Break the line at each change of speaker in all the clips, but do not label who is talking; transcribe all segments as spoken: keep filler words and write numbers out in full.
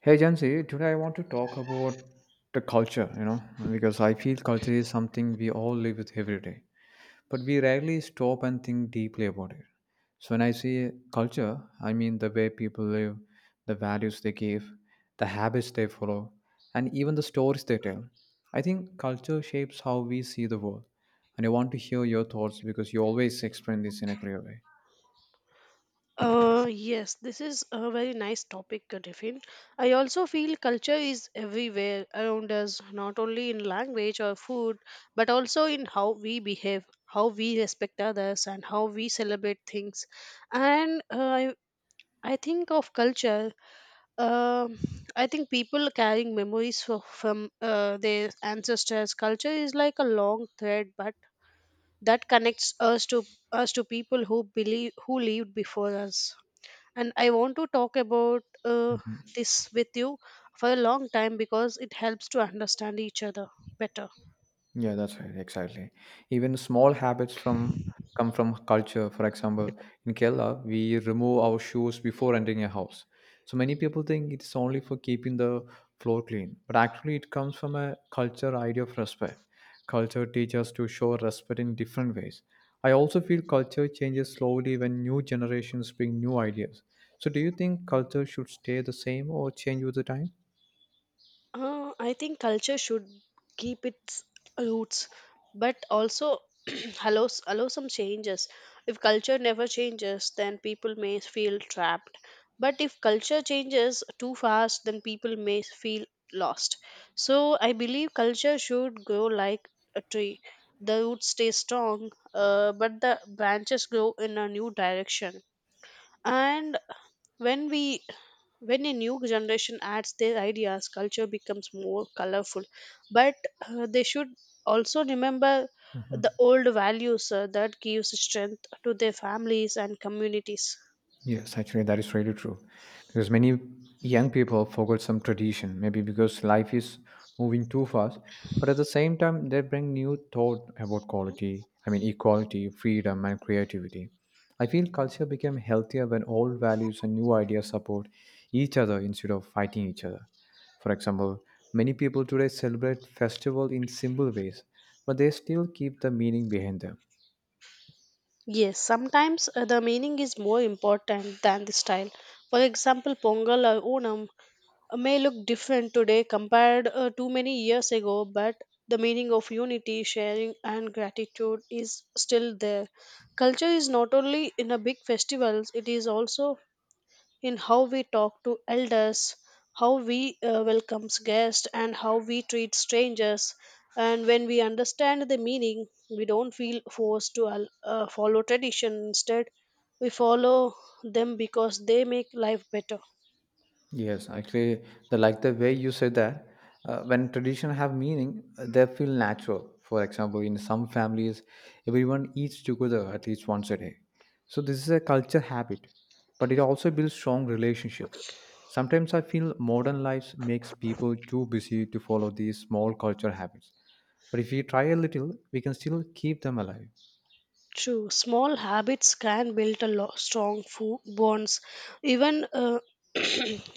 Hey Jansi, today I want to talk about the culture, you know, because I feel culture is something we all live with every day, but we rarely stop and think deeply about it. So when I say culture, I mean the way people live, the values they give, the habits they follow, and even the stories they tell. I think culture shapes how we see the world, and I want to hear your thoughts because you always explain this in a clear way.
Uh, yes, this is a very nice topic, uh, Tiffin. I also feel culture is everywhere around us, not only in language or food, but also in how we behave, how we respect others, and how we celebrate things. And uh, I, I think of culture. Um, I think people carrying memories fro- from uh, their ancestors. Culture is like a long thread, but that connects us to us to people who believe who lived before us, and I want to talk about uh, this with you for a long time because it helps to understand each other better.
Yeah, that's right. Exactly. Even small habits from come from culture. For example, in Kerala, we remove our shoes before entering a house. So many people think it's only for keeping the floor clean, but actually it comes from a culture idea of respect. Culture teaches us to show respect in different ways. I also feel culture changes slowly when new generations bring new ideas. So do you think culture should stay the same or change with the time?
Uh, I think culture should keep its roots, but also allow allow some changes. If culture never changes, then people may feel trapped. But if culture changes too fast, then people may feel lost. So I believe culture should grow like a tree. The roots stay strong, uh, but the branches grow in a new direction. And when we when a new generation adds their ideas, culture becomes more colorful. But uh, they should also remember the old values uh, that gives strength to their families and communities.
Yes, actually, that is really true. Because many young people forget some tradition, maybe because life is moving too fast. But at the same time, they bring new thought about quality, I mean, equality, freedom, and creativity. I feel culture became healthier when old values and new ideas support each other instead of fighting each other. For example, many people today celebrate festival in simple ways, but they still keep the meaning behind them.
Yes, sometimes uh, the meaning is more important than the style. For example, Pongal or Onam may look different today compared uh, to many years ago, but the meaning of unity, sharing, and gratitude is still there. Culture is not only in a big festivals; it is also in how we talk to elders, how we uh, welcomes guests, and how we treat strangers. And when we understand the meaning, we don't feel forced to al- uh, follow tradition. Instead, we follow them because they make life better.
Yes, actually, the like the way you said that, uh, when tradition have meaning, uh, they feel natural. For example, in some families, everyone eats together at least once a day. So this is a culture habit, but it also builds strong relationships. Sometimes I feel modern lives makes people too busy to follow these small culture habits. But if we try a little, we can still keep them alive.
True, small habits can build a lo- strong fo- bonds. Even uh,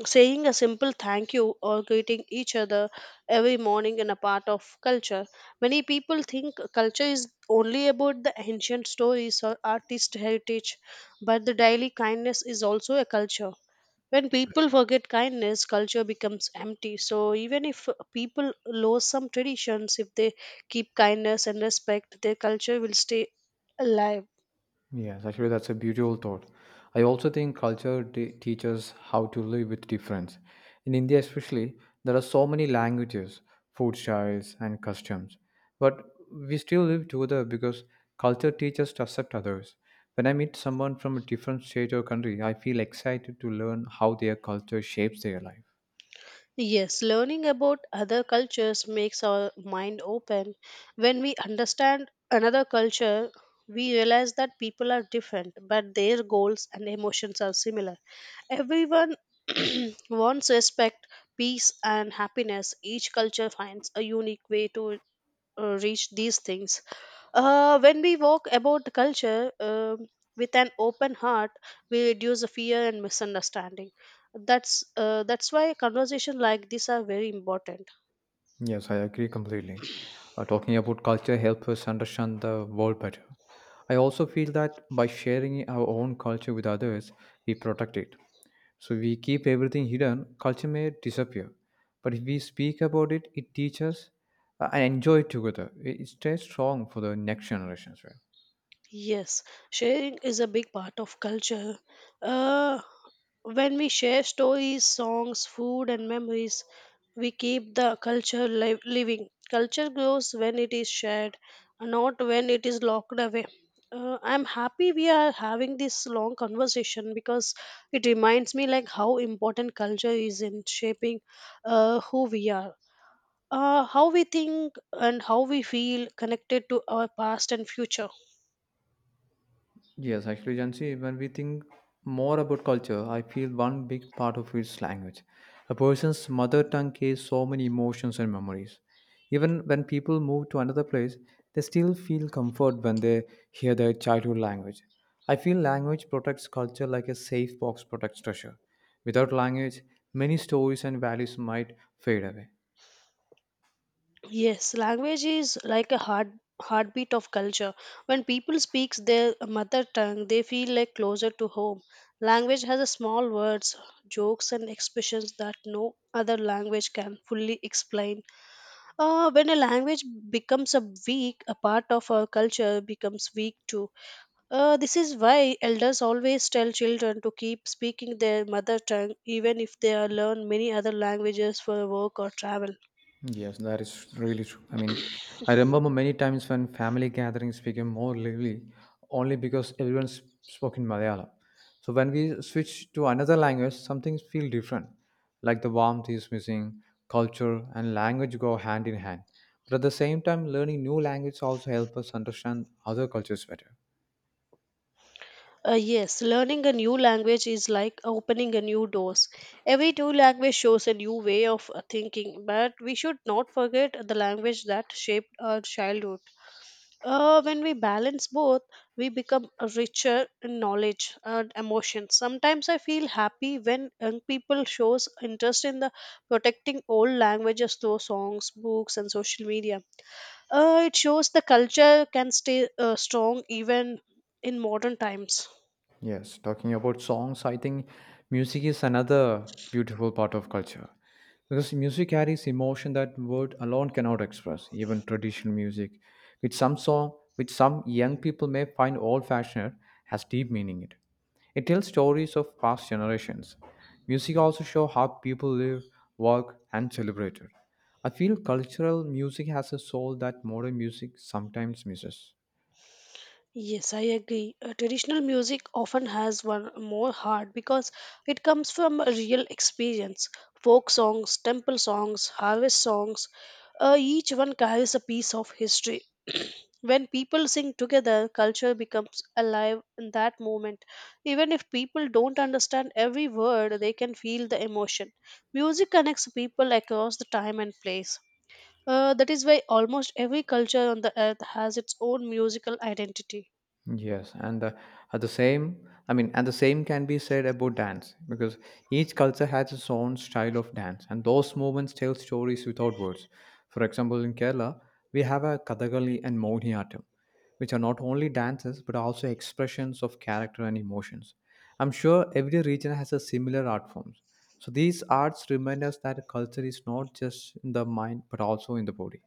saying a simple thank you or greeting each other every morning in a part of culture. Many people think culture is only about the ancient stories or artist heritage, but the daily kindness is also a culture. When people forget kindness, culture becomes empty. So, even if people lose some traditions, if they keep kindness and respect, their culture will stay alive.
Yes, actually, that's a beautiful thought. I also think culture te- teaches how to live with difference. In India, especially, there are so many languages, food styles, and customs. But we still live together because culture teaches us to accept others. When I meet someone from a different state or country, I feel excited to learn how their culture shapes their life.
Yes, learning about other cultures makes our mind open. When we understand another culture, we realize that people are different, but their goals and emotions are similar. Everyone wants respect, peace, and happiness. Each culture finds a unique way to uh, reach these things. Uh, when we walk about the culture um with an open heart, we reduce the fear and misunderstanding. That's uh, that's why conversation like this are very important.
Yes, I agree completely. Uh, talking about culture helps us understand the world better. I also feel that by sharing our own culture with others, we protect it. So we keep everything hidden, culture may disappear. But if we speak about it, it teaches uh, and enjoy it together. It it stays strong for the next generations, right?
Yes, sharing is a big part of culture. Uh, when we share stories, songs, food, and memories, we keep the culture live, living. Culture grows when it is shared, not when it is locked away. Uh, I'm happy we are having this long conversation because it reminds me like how important culture is in shaping uh, who we are, uh, how we think, and how we feel connected to our past and future.
Yes, actually, Jansi, when we think more about culture, I feel one big part of it is language. A person's mother tongue carries so many emotions and memories. Even when people move to another place, they still feel comfort when they hear their childhood language. I feel language protects culture like a safe box protects treasure. Without language, many stories and values might fade away.
Yes, language is like a heart heartbeat of culture. When people speak their mother tongue, they feel like closer to home. Language has a small words, jokes and expressions that no other language can fully explain. Uh, when a language becomes a weak, a part of our culture becomes weak too. Uh, this is why elders always tell children to keep speaking their mother tongue even if they are learn many other languages for work or travel.
Yes, that is really true. I mean, I remember many times when family gatherings became more lively only because everyone s- spoke in Malayalam. So when we switch to another language, some things feel different. Like the warmth is missing, culture and language go hand in hand. But at the same time, learning new language also help us understand other cultures better.
Uh, yes, learning a new language is like opening a new doors. Every new language shows a new way of uh, thinking, but we should not forget the language that shaped our childhood. Uh, when we balance both, we become richer in knowledge and emotion. Sometimes I feel happy when young people shows interest in the protecting old languages through songs, books, and social media. Uh, it shows the culture can stay uh, strong even in modern times.
Yes, talking about songs, I think music is another beautiful part of culture because music carries emotion that word alone cannot express. Even traditional music, which some song, which some young people may find old-fashioned, has deep meaning. It it tells stories of past generations. Music also shows how people live, work, and celebrate. I feel cultural music has a soul that modern music sometimes misses.
Yes, I agree. Uh, traditional music often has one more heart because it comes from a real experience. Folk songs, temple songs, harvest songs, uh, each one carries a piece of history. When people sing together, culture becomes alive in that moment. Even if people don't understand every word, they can feel the emotion. Music connects people across the time and place. Uh, that is why almost every culture on the earth has its own musical identity.
Yes, and the, at the same, I mean, and the same can be said about dance because each culture has its own style of dance, and those movements tell stories without words. For example, in Kerala, we have a Kathakali and Mohiniyattam, which are not only dances but also expressions of character and emotions. I'm sure every region has a similar art forms. So these arts remind us that culture is not just in the mind but also in the body.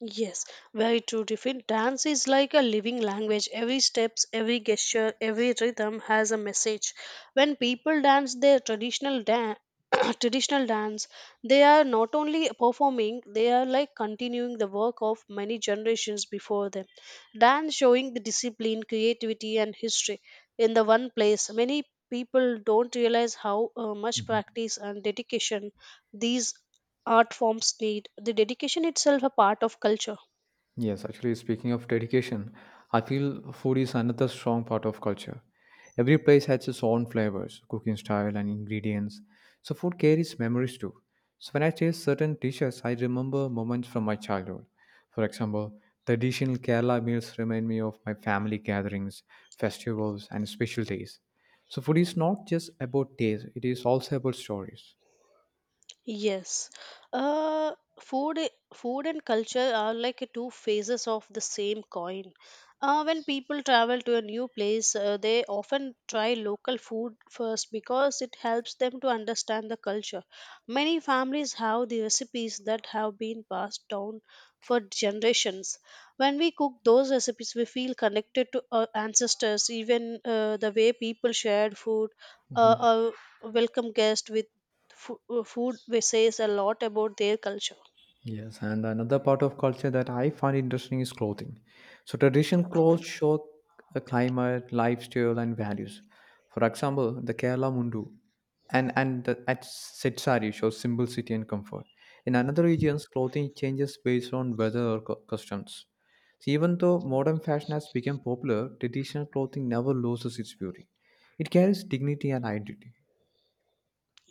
Yes, very true, Tiffin. Dance is like a living language. Every steps, every gesture, every rhythm has a message. When people dance their traditional dance, traditional dance, they are not only performing, they are like continuing the work of many generations before them. Dance showing the discipline, creativity, and history in the one place. Many people don't realize how uh, much
Mm-hmm.
practice and dedication these art forms need the dedication itself a part of culture.
Yes, actually, speaking of dedication, I feel food is another strong part of culture. Every place has its own flavors, cooking style, and ingredients. So, food carries memories too. So, when I taste certain dishes, I remember moments from my childhood. For example, traditional Kerala meals remind me of my family gatherings, festivals, and special days. So, food is not just about taste, it is also about stories.
Yes. Uh, food, i- Food and culture are like two phases of the same coin. Uh, when people travel to a new place, uh, they often try local food first because it helps them to understand the culture. Many families have the recipes that have been passed down for generations. When we cook those recipes, we feel connected to our ancestors, even uh, the way people shared food. Uh,
Mhm.
uh, Welcome guests with Fo- uh, food we says a lot about their culture.
Yes, and another part of culture that I find interesting is clothing. So, traditional clothes show the climate, lifestyle, and values. For example, the Kerala mundu and and the at set sari shows simplicity and comfort. In another regions, clothing changes based on weather or cu- customs. So, even though modern fashion has become popular, traditional clothing never loses its beauty. It carries dignity and identity.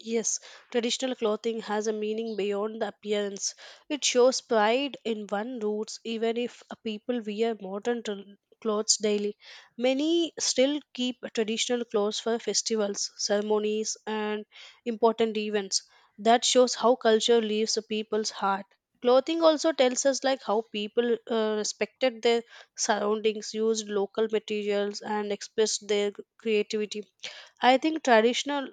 Yes, traditional clothing has a meaning beyond the appearance. It shows pride in one roots, even if a people wear modern tr- clothes daily. Many still keep traditional clothes for festivals, ceremonies, and important events. That shows how culture leaves a people's heart. Clothing also tells us like how people uh, respected their surroundings, used local materials, and expressed their creativity. I think traditional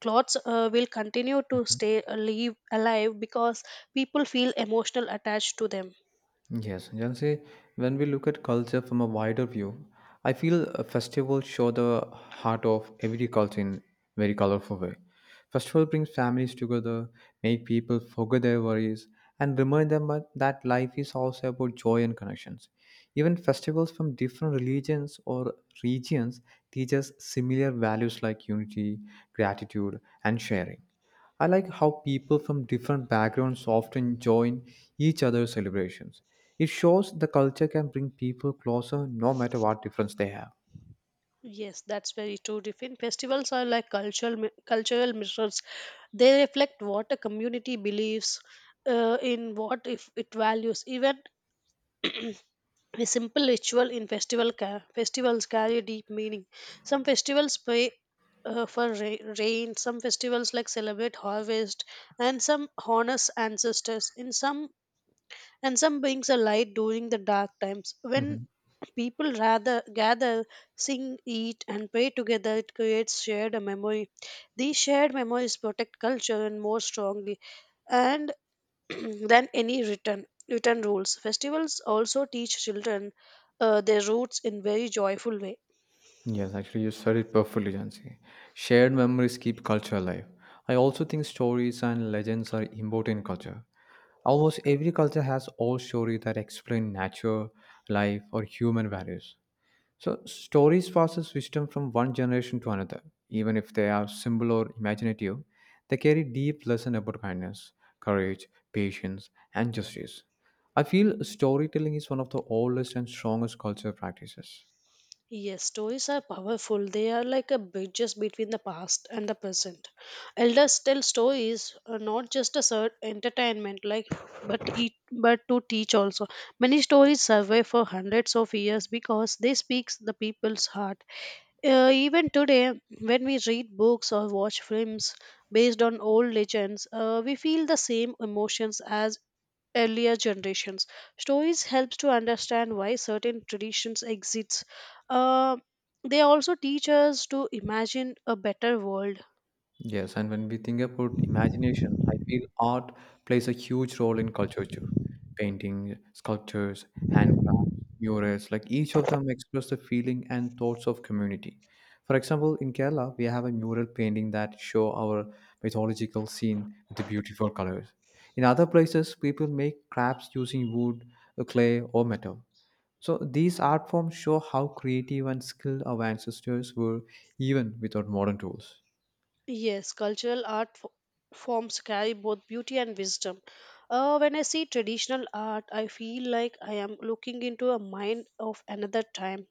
clothes uh, will continue to stay alive, alive because people feel emotional attached to them.
Yes, you can say when we look at culture from a wider view, I feel uh, festivals show the heart of every culture in very colorful way. Festival brings families together, make people forget their worries, and remind them that that life is also about joy and connections. Even festivals from different religions or regions teach us similar values like unity, gratitude, and sharing. I like how people from different backgrounds often join each other's celebrations. It shows the culture can bring people closer no matter what difference they have.
Yes, that's very true. Different festivals are like cultural mi- cultural mirrors. They reflect what a community believes uh, in what if it values. Even a simple ritual in festival ca- festivals carry deep meaning. Some festivals pray uh, for ra- rain, some festivals like celebrate harvest, and some honors ancestors in some, and some brings a light during the dark times. When
Mhm.
people rather gather, sing, eat, and pray together, it creates shared a memory. These shared memories protect culture and more strongly, and than any written written rules. Festivals also teach children uh, their roots in very joyful way.
Yes, actually, you said it perfectly, Jansi. Shared memories keep culture alive. I also think stories and legends are important in culture. Almost every culture has old story that explain nature, life, or human values. So stories passes wisdom from one generation to another. Even if they are simple or imaginative, they carry deep lesson about kindness, courage, patience, and justice. I feel storytelling is one of the oldest and strongest cultural practices.
Yes, stories are powerful. They are like a bridges between the past and the present. Elders tell stories, uh, not just as a entertainment, like but it, but to teach also. Many stories survive for hundreds of years because they speak the people's heart. Uh, even today, when we read books or watch films based on old legends, uh, we feel the same emotions as earlier generations. Stories helps to understand why certain traditions exist. Uh, they also teach us to imagine a better world.
Yes, and when we think about imagination, I feel art plays a huge role in culture too. Painting, sculptures, handcrafts, murals, like each of them express the feeling and thoughts of community. For example, in Kerala, we have a mural painting that show our mythological scene with the beautiful colors. In other places, people make crafts using wood, uh, clay, or metal. So these art forms show how creative and skilled our ancestors were even without modern tools.
Yes, cultural art f- forms carry both beauty and wisdom. Uh, when I see traditional art, I feel like I am looking into a mind of another time.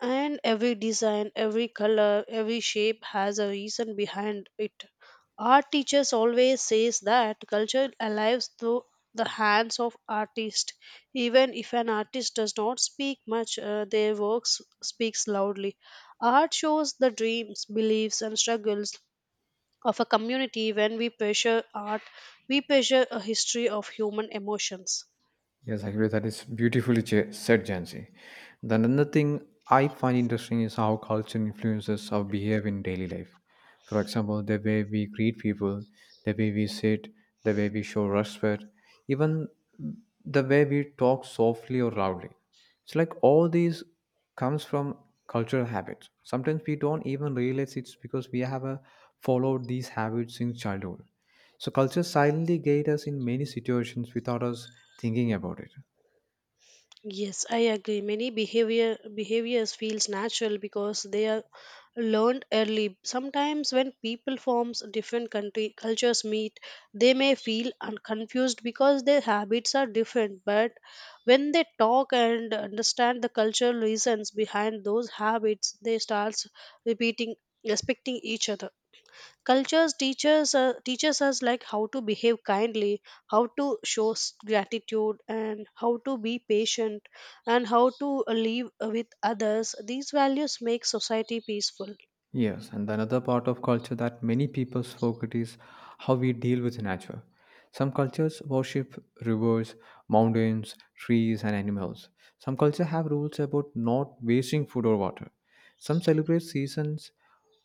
And every design, every color, every shape has a reason behind it. Art teachers always says that culture alives through the hands of artist. Even if an artist does not speak much, uh, their works speaks loudly. Art shows the dreams, beliefs, and struggles of a community. When we pressure art, we pressure a history of human emotions.
Yes, I agree. That is beautifully cha- said, Jansi. Then another thing I find interesting is how culture influences our behavior in daily life. For example, the way we greet people, the way we sit, the way we show respect, even the way we talk softly or loudly. It's like all these comes from cultural habits. Sometimes we don't even realize it's because we have uh, followed these habits since childhood. So culture silently guides us in many situations without us thinking about it.
Yes, I agree. Many behavior behaviors feels natural because they are learned early. Sometimes when people forms different country cultures meet, they may feel un- confused because their habits are different. But when they talk and understand the cultural reasons behind those habits, they starts repeating respecting each other. Cultures teaches uh, teaches us like how to behave kindly, how to show s- gratitude, and how to be patient, and how to uh, live uh, with others. These values make society peaceful.
Yes, and another part of culture that many people forget is how we deal with nature. Some cultures worship rivers, mountains, trees, and animals. Some cultures have rules about not wasting food or water. Some celebrate seasons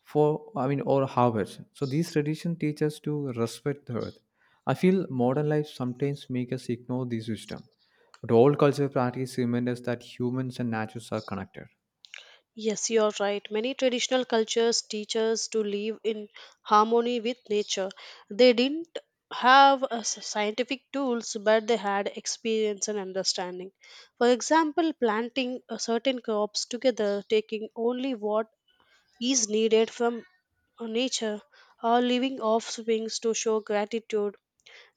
for, I mean, or harvest. So these traditions teach us to respect the earth. I feel modern life sometimes make us ignore this wisdom. But all cultural practice remind us that humans and nature are connected.
Yes, you're right. Many traditional cultures teach us to live in harmony with nature. They didn't have uh, s- scientific tools, but they had experience and understanding. For example, planting uh, certain crops together, taking only what is needed from uh, nature or leaving offspring to show gratitude.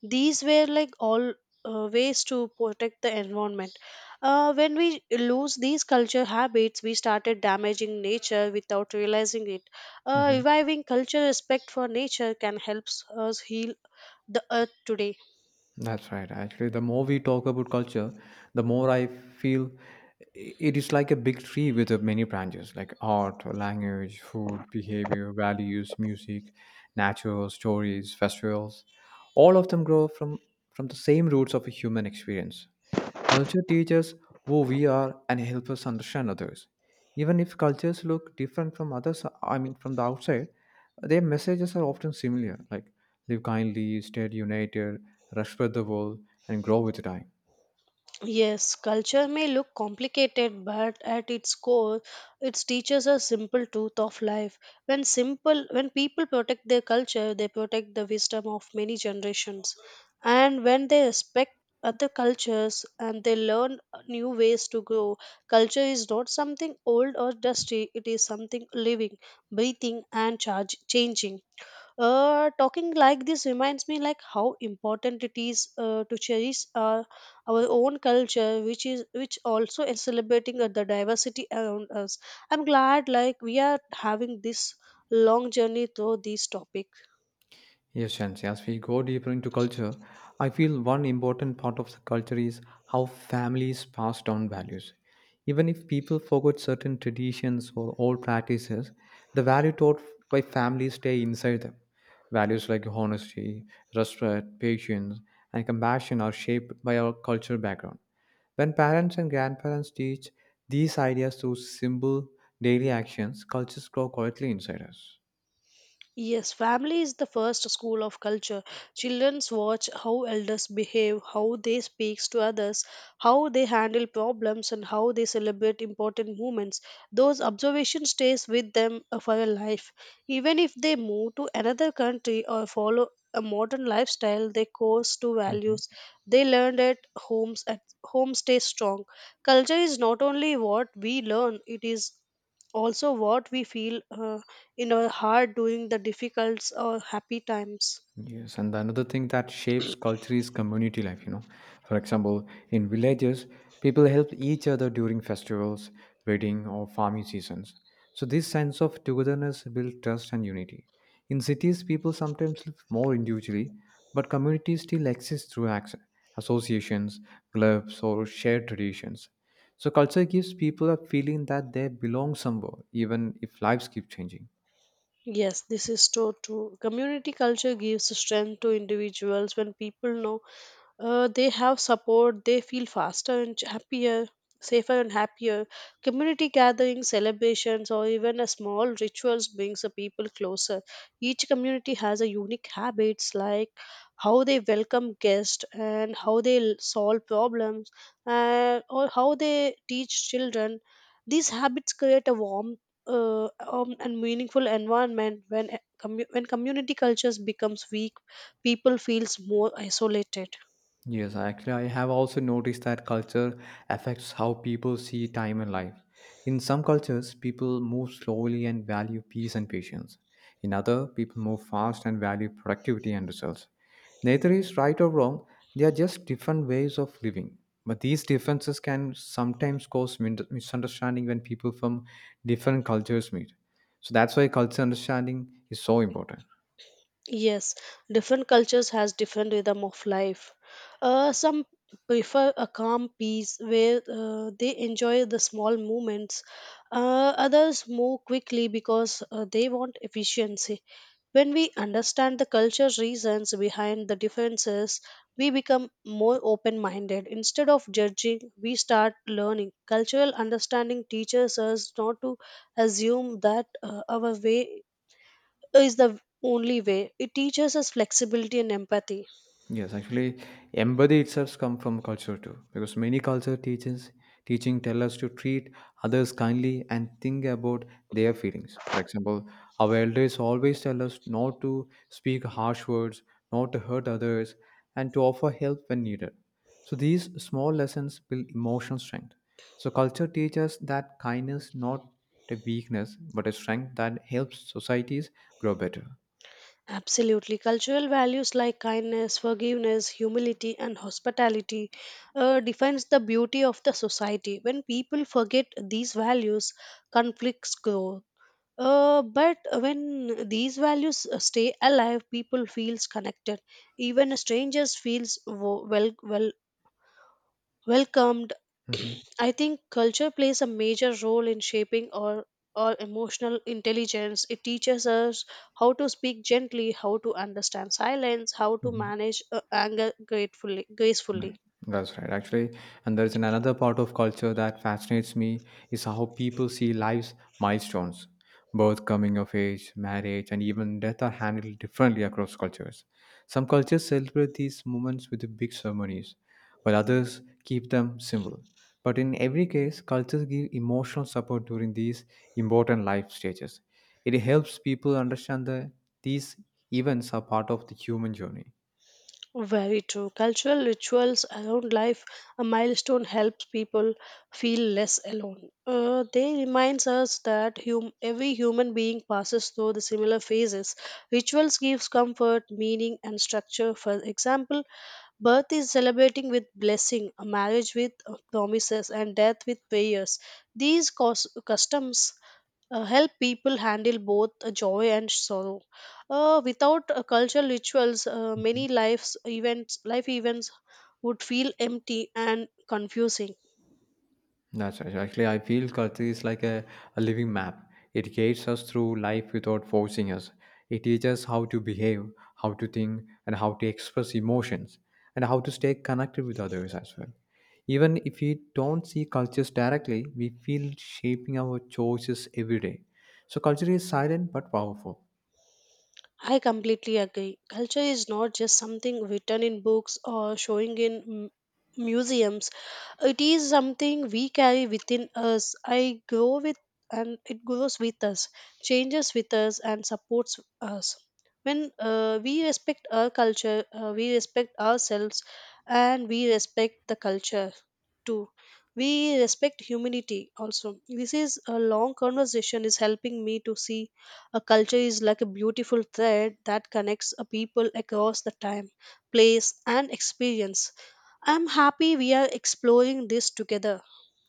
These were like all uh, ways to protect the environment. Uh, when we lose these culture habits, we started damaging nature without realizing it. Uh,
Mm-hmm.
reviving culture respect for nature can help us heal the earth today.
That's right. Actually, the more we talk about culture, the more I feel i- it is like a big tree with uh, many branches like art, language, food, behavior, values, music, natural stories, festivals. All of them grow from, from the same roots of a human experience. Culture teaches who we are and help us understand others. Even if cultures look different from others, I mean from the outside, their messages are often similar, like live kindly, stay united, respect the world, and grow with time.
Yes, culture may look complicated, but at its core, it teaches a simple truth of life. When simple, when people protect their culture, they protect the wisdom of many generations. And when they respect other cultures and they learn new ways to grow, culture is not something old or dusty. It is something living, breathing, and charge, changing. Uh, talking like this reminds me like how important it is uh, to cherish uh, our own culture, which is which also is celebrating uh, the diversity around us. I'm glad like we are having this long journey through this topic.
Yes, and as we go deeper into culture, I feel one important part of the culture is how families pass down values. Even if people forget certain traditions or old practices, the value taught by families stay inside them. Values like honesty, respect, patience, and compassion are shaped by our cultural background. When parents and grandparents teach these ideas through simple daily actions, cultures grow quietly inside us.
Yes, family is the first school of culture. Children watch how elders behave, how they speak to others, how they handle problems, and how they celebrate important moments. Those observation stays with them uh, for a life. Even if they move to another country or follow a modern lifestyle, their course to
Mhm.
values they learned at homes at home stay strong. Culture is not only what we learn; it is also what we feel, Uh, in our heart during the difficult or happy times.
Yes, and another thing that shapes culture is community life, you know. For example, in villages, people help each other during festivals, wedding, or farming seasons. So this sense of togetherness builds trust and unity. In cities, people sometimes live more individually, but communities still exist through ac- associations, clubs, or shared traditions. So culture gives people a feeling that they belong somewhere, even if lives keep changing.
Yes, this is so true. Community culture gives strength to individuals. When people know Uh, they have support, they feel faster and ch- happier, safer and happier. Community gatherings, celebrations, or even a small rituals brings the people closer. Each community has a unique habits, like how they welcome guests and how they l- solve problems, uh, or how they teach children. These habits create a warm uh, um, and meaningful environment. When, a- commu- when community cultures becomes weak, people feels more isolated.
Yes, actually, I have also noticed that culture affects how people see time and life. In some cultures, people move slowly and value peace and patience. In other, people move fast and value productivity and results. Neither is right or wrong, they are just different ways of living. But these differences can sometimes cause min- misunderstanding when people from different cultures meet. So that's why culture understanding is so important.
Yes, different cultures has different rhythm of life. Uh, some prefer a calm peace where uh, they enjoy the small movements. Uh, others move quickly because uh, they want efficiency. When we understand the culture reasons behind the differences, we become more open-minded. Instead of judging, we start learning. Cultural understanding teaches us not to assume that uh, our way is the only way. It teaches us flexibility and empathy.
Yes, actually, empathy itself comes from culture too, because many culture teachings teaching tell us to treat others kindly and think about their feelings. For example, our elders always tell us not to speak harsh words, not to hurt others, and to offer help when needed. So these small lessons build emotional strength. So culture teaches that kindness not a weakness, but a strength that helps societies grow better.
Absolutely. Cultural values like kindness, forgiveness, humility, and hospitality uh, defines the beauty of the society. When people forget these values, conflicts grow. Uh, but when these values uh, stay alive, people feels connected. Even strangers feels wo- wel- welcome. Welcomed
Mhm.
I think culture plays a major role in shaping our our emotional intelligence. It teaches us how to speak gently, how to understand silence, how to manage uh, anger gratefully gracefully.
Right. That's right, actually. And there is an another part of culture that fascinates me is how people see life's milestones. Birth, coming of age, marriage, and even death are handled differently across cultures. Some cultures celebrate these moments with big ceremonies, while others keep them simple. But in every case, cultures give emotional support during these important life stages. It helps people understand that these events are part of the human journey.
Very true. Cultural rituals around life a milestone helps people feel less alone. Uh, they reminds us that hum- every human being passes through the similar phases. Rituals gives comfort, meaning and structure. For example, birth is celebrating with blessing, a marriage with uh, promises, and death with prayers. These cos- customs uh, help people handle both uh, joy and sorrow. Uh, without uh, cultural rituals, uh, many lives events, life events would feel empty and confusing.
That's right. Actually, I feel culture is like a, a living map. It guides us through life without forcing us. It teaches how to behave, how to think, and how to express emotions, and how to stay connected with others as well. Even if we don't see cultures directly, we feel shaping our choices every day. So, culture is silent but powerful.
I completely agree. Culture is not just something written in books or showing in m- museums. It is something we carry within us. I grow with and it grows with us, changes with us, and supports us. When uh, we respect our culture, uh, we respect ourselves, and we respect the culture too. We respect humanity also. This is a long conversation is helping me to see a culture is like a beautiful thread that connects a people across the time, place, and experience. I'm happy we are exploring this together.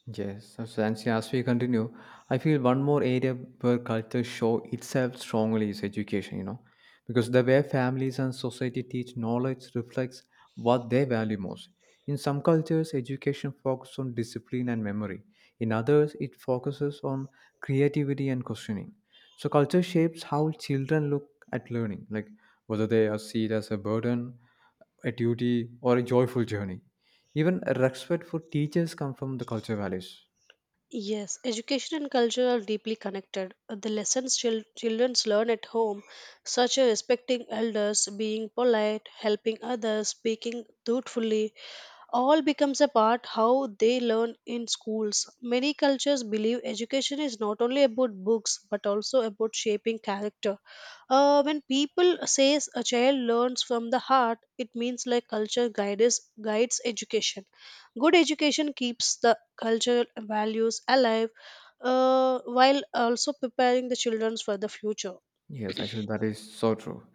Yes, so Nancy, as we continue, I feel one more area where culture show itself strongly is education, you know, because the way families and society teach knowledge reflects what they value most. In some cultures, education focuses on discipline and memory. In others, it focuses on creativity and questioning. So culture shapes how children look at learning, like whether they are see it as a burden, a duty, or a joyful journey. Even respect for teachers come from the culture values.
Yes, education and culture are deeply connected. The lessons chil- children learn at home, such as respecting elders, being polite, helping others, speaking truthfully, all becomes a part how they learn in schools. Many cultures believe education is not only about books but also about shaping character. Uh, when people says a child learns from the heart, it means like culture guides guides education. Good education keeps the cultural values alive, uh, while also preparing the children for the future.
Yes, actually, that is so true.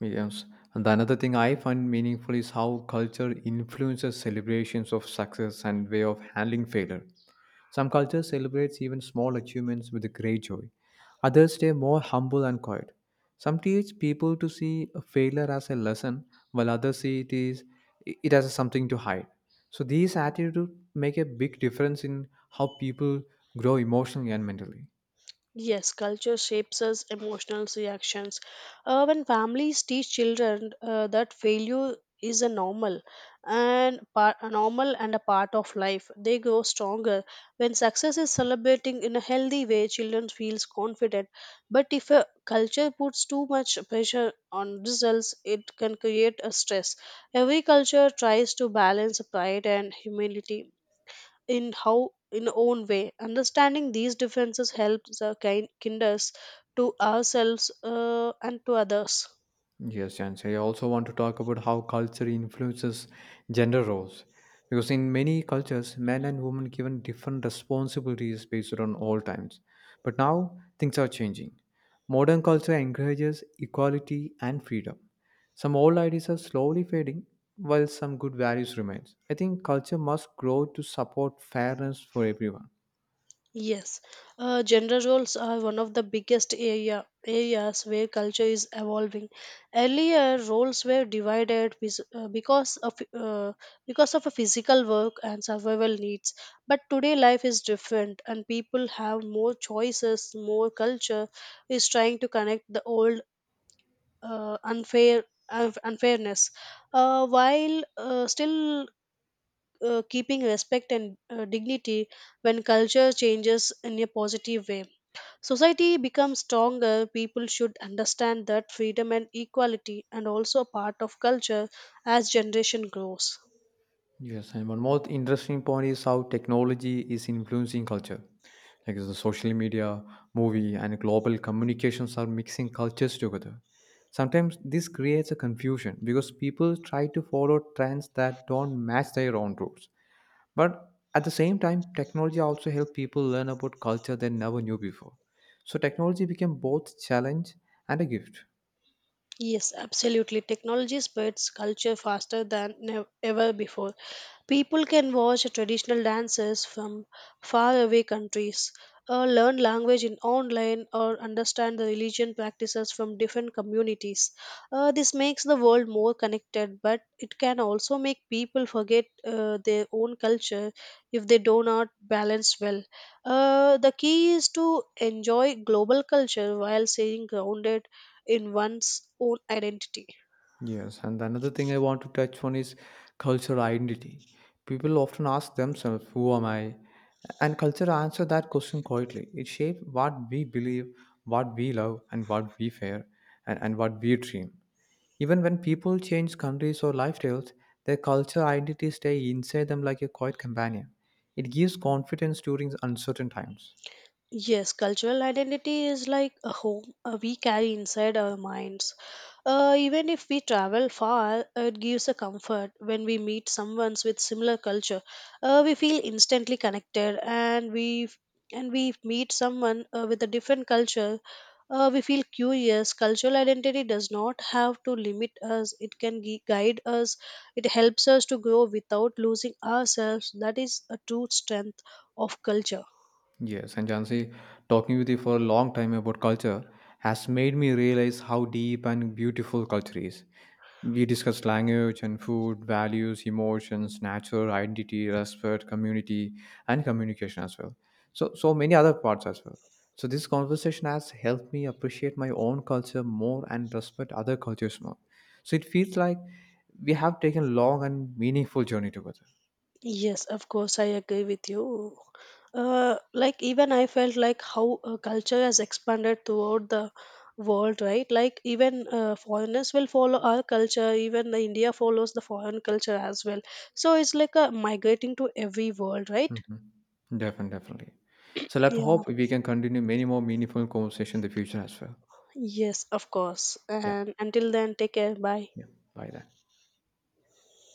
Mediums. And the another thing I find meaningful is how culture influences celebrations of success and way of handling failure. Some cultures celebrates even small achievements with great joy. Others stay more humble and quiet. Some teach people to see a failure as a lesson, while others see it is it as something to hide. So these attitudes make a big difference in how people grow emotionally and mentally.
Yes, culture shapes us emotional reactions. Uh, when families teach children uh, that failure is a normal and par- a normal and a part of life, they grow stronger. When success is celebrating in a healthy way, children feels confident. But if a culture puts too much pressure on results, it can create a stress. Every culture tries to balance pride and humility in how in own way. Understanding these differences helps uh, kind kinders to ourselves uh, and to others.
Yes, and I also want to talk about how culture influences gender roles. Because in many cultures, men and women given different responsibilities based on all times. But now things are changing. Modern culture encourages equality and freedom. Some old ideas are slowly fading, while some good values remain. I think culture must grow to support fairness for everyone.
Yes, uh, gender roles are one of the biggest area areas where culture is evolving. Earlier roles were divided bes- uh, because of uh, because of a physical work and survival needs, but today life is different and people have more choices. More culture is trying to connect the old uh, unfair unf- unfairness, uh, while uh, still uh, keeping respect and uh, dignity. When culture changes in a positive way, society becomes stronger. People should understand that freedom and equality and also a part of culture as generation grows.
Yes, and one more interesting point is how technology is influencing culture. Like the social media, movie, and global communications are mixing cultures together. Sometimes this creates a confusion because people try to follow trends that don't match their own roots. But at the same time, technology also helps people learn about culture they never knew before. So technology became both challenge and a gift.
Yes, absolutely. Technology spreads culture faster than nev- ever before. People can watch traditional dances from faraway countries, or learn language in online, or understand the religion practices from different communities. Uh, this makes the world more connected, but it can also make people forget uh, their own culture if they do not balance well. Uh, the key is to enjoy global culture while staying grounded in one's own identity.
Yes, and another thing I want to touch on is cultural identity. People often ask themselves, who am I? And culture answer that question quietly. It shapes what we believe, what we love, and what we fear, and, and what we dream. Even when people change countries or lifestyles, their cultural identity stay inside them like a quiet companion. It gives confidence during uncertain times.
Yes, cultural identity is like a home uh, we carry inside our minds. Uh, even if we travel far, uh, it gives a comfort. When we meet someone with similar culture, Uh, we feel instantly connected, and we and we meet someone uh, with a different culture, Uh, we feel curious. Cultural identity does not have to limit us. It can gui- guide us. It helps us to grow without losing ourselves. That is a true strength of culture.
Yes, and Jansi, talking with you for a long time about culture has made me realize how deep and beautiful culture is. We discussed language and food, values, emotions, nature, identity, respect, community, and communication as well. So, so many other parts as well. So, this conversation has helped me appreciate my own culture more and respect other cultures more. So, it feels like we have taken a long and meaningful journey together.
Yes, of course, I agree with you. Uh, like even I felt like how uh, culture has expanded throughout the world, right? Like even uh, foreigners will follow our culture. Even the India follows the foreign culture as well. So it's like a migrating to every world, right?
Mhm. Definitely, definitely. So let's
Yeah.
hope we can continue many more meaningful conversation in the future as well.
Yes, of course.
Yeah.
And until then, take care. Bye.
Yeah. Bye then.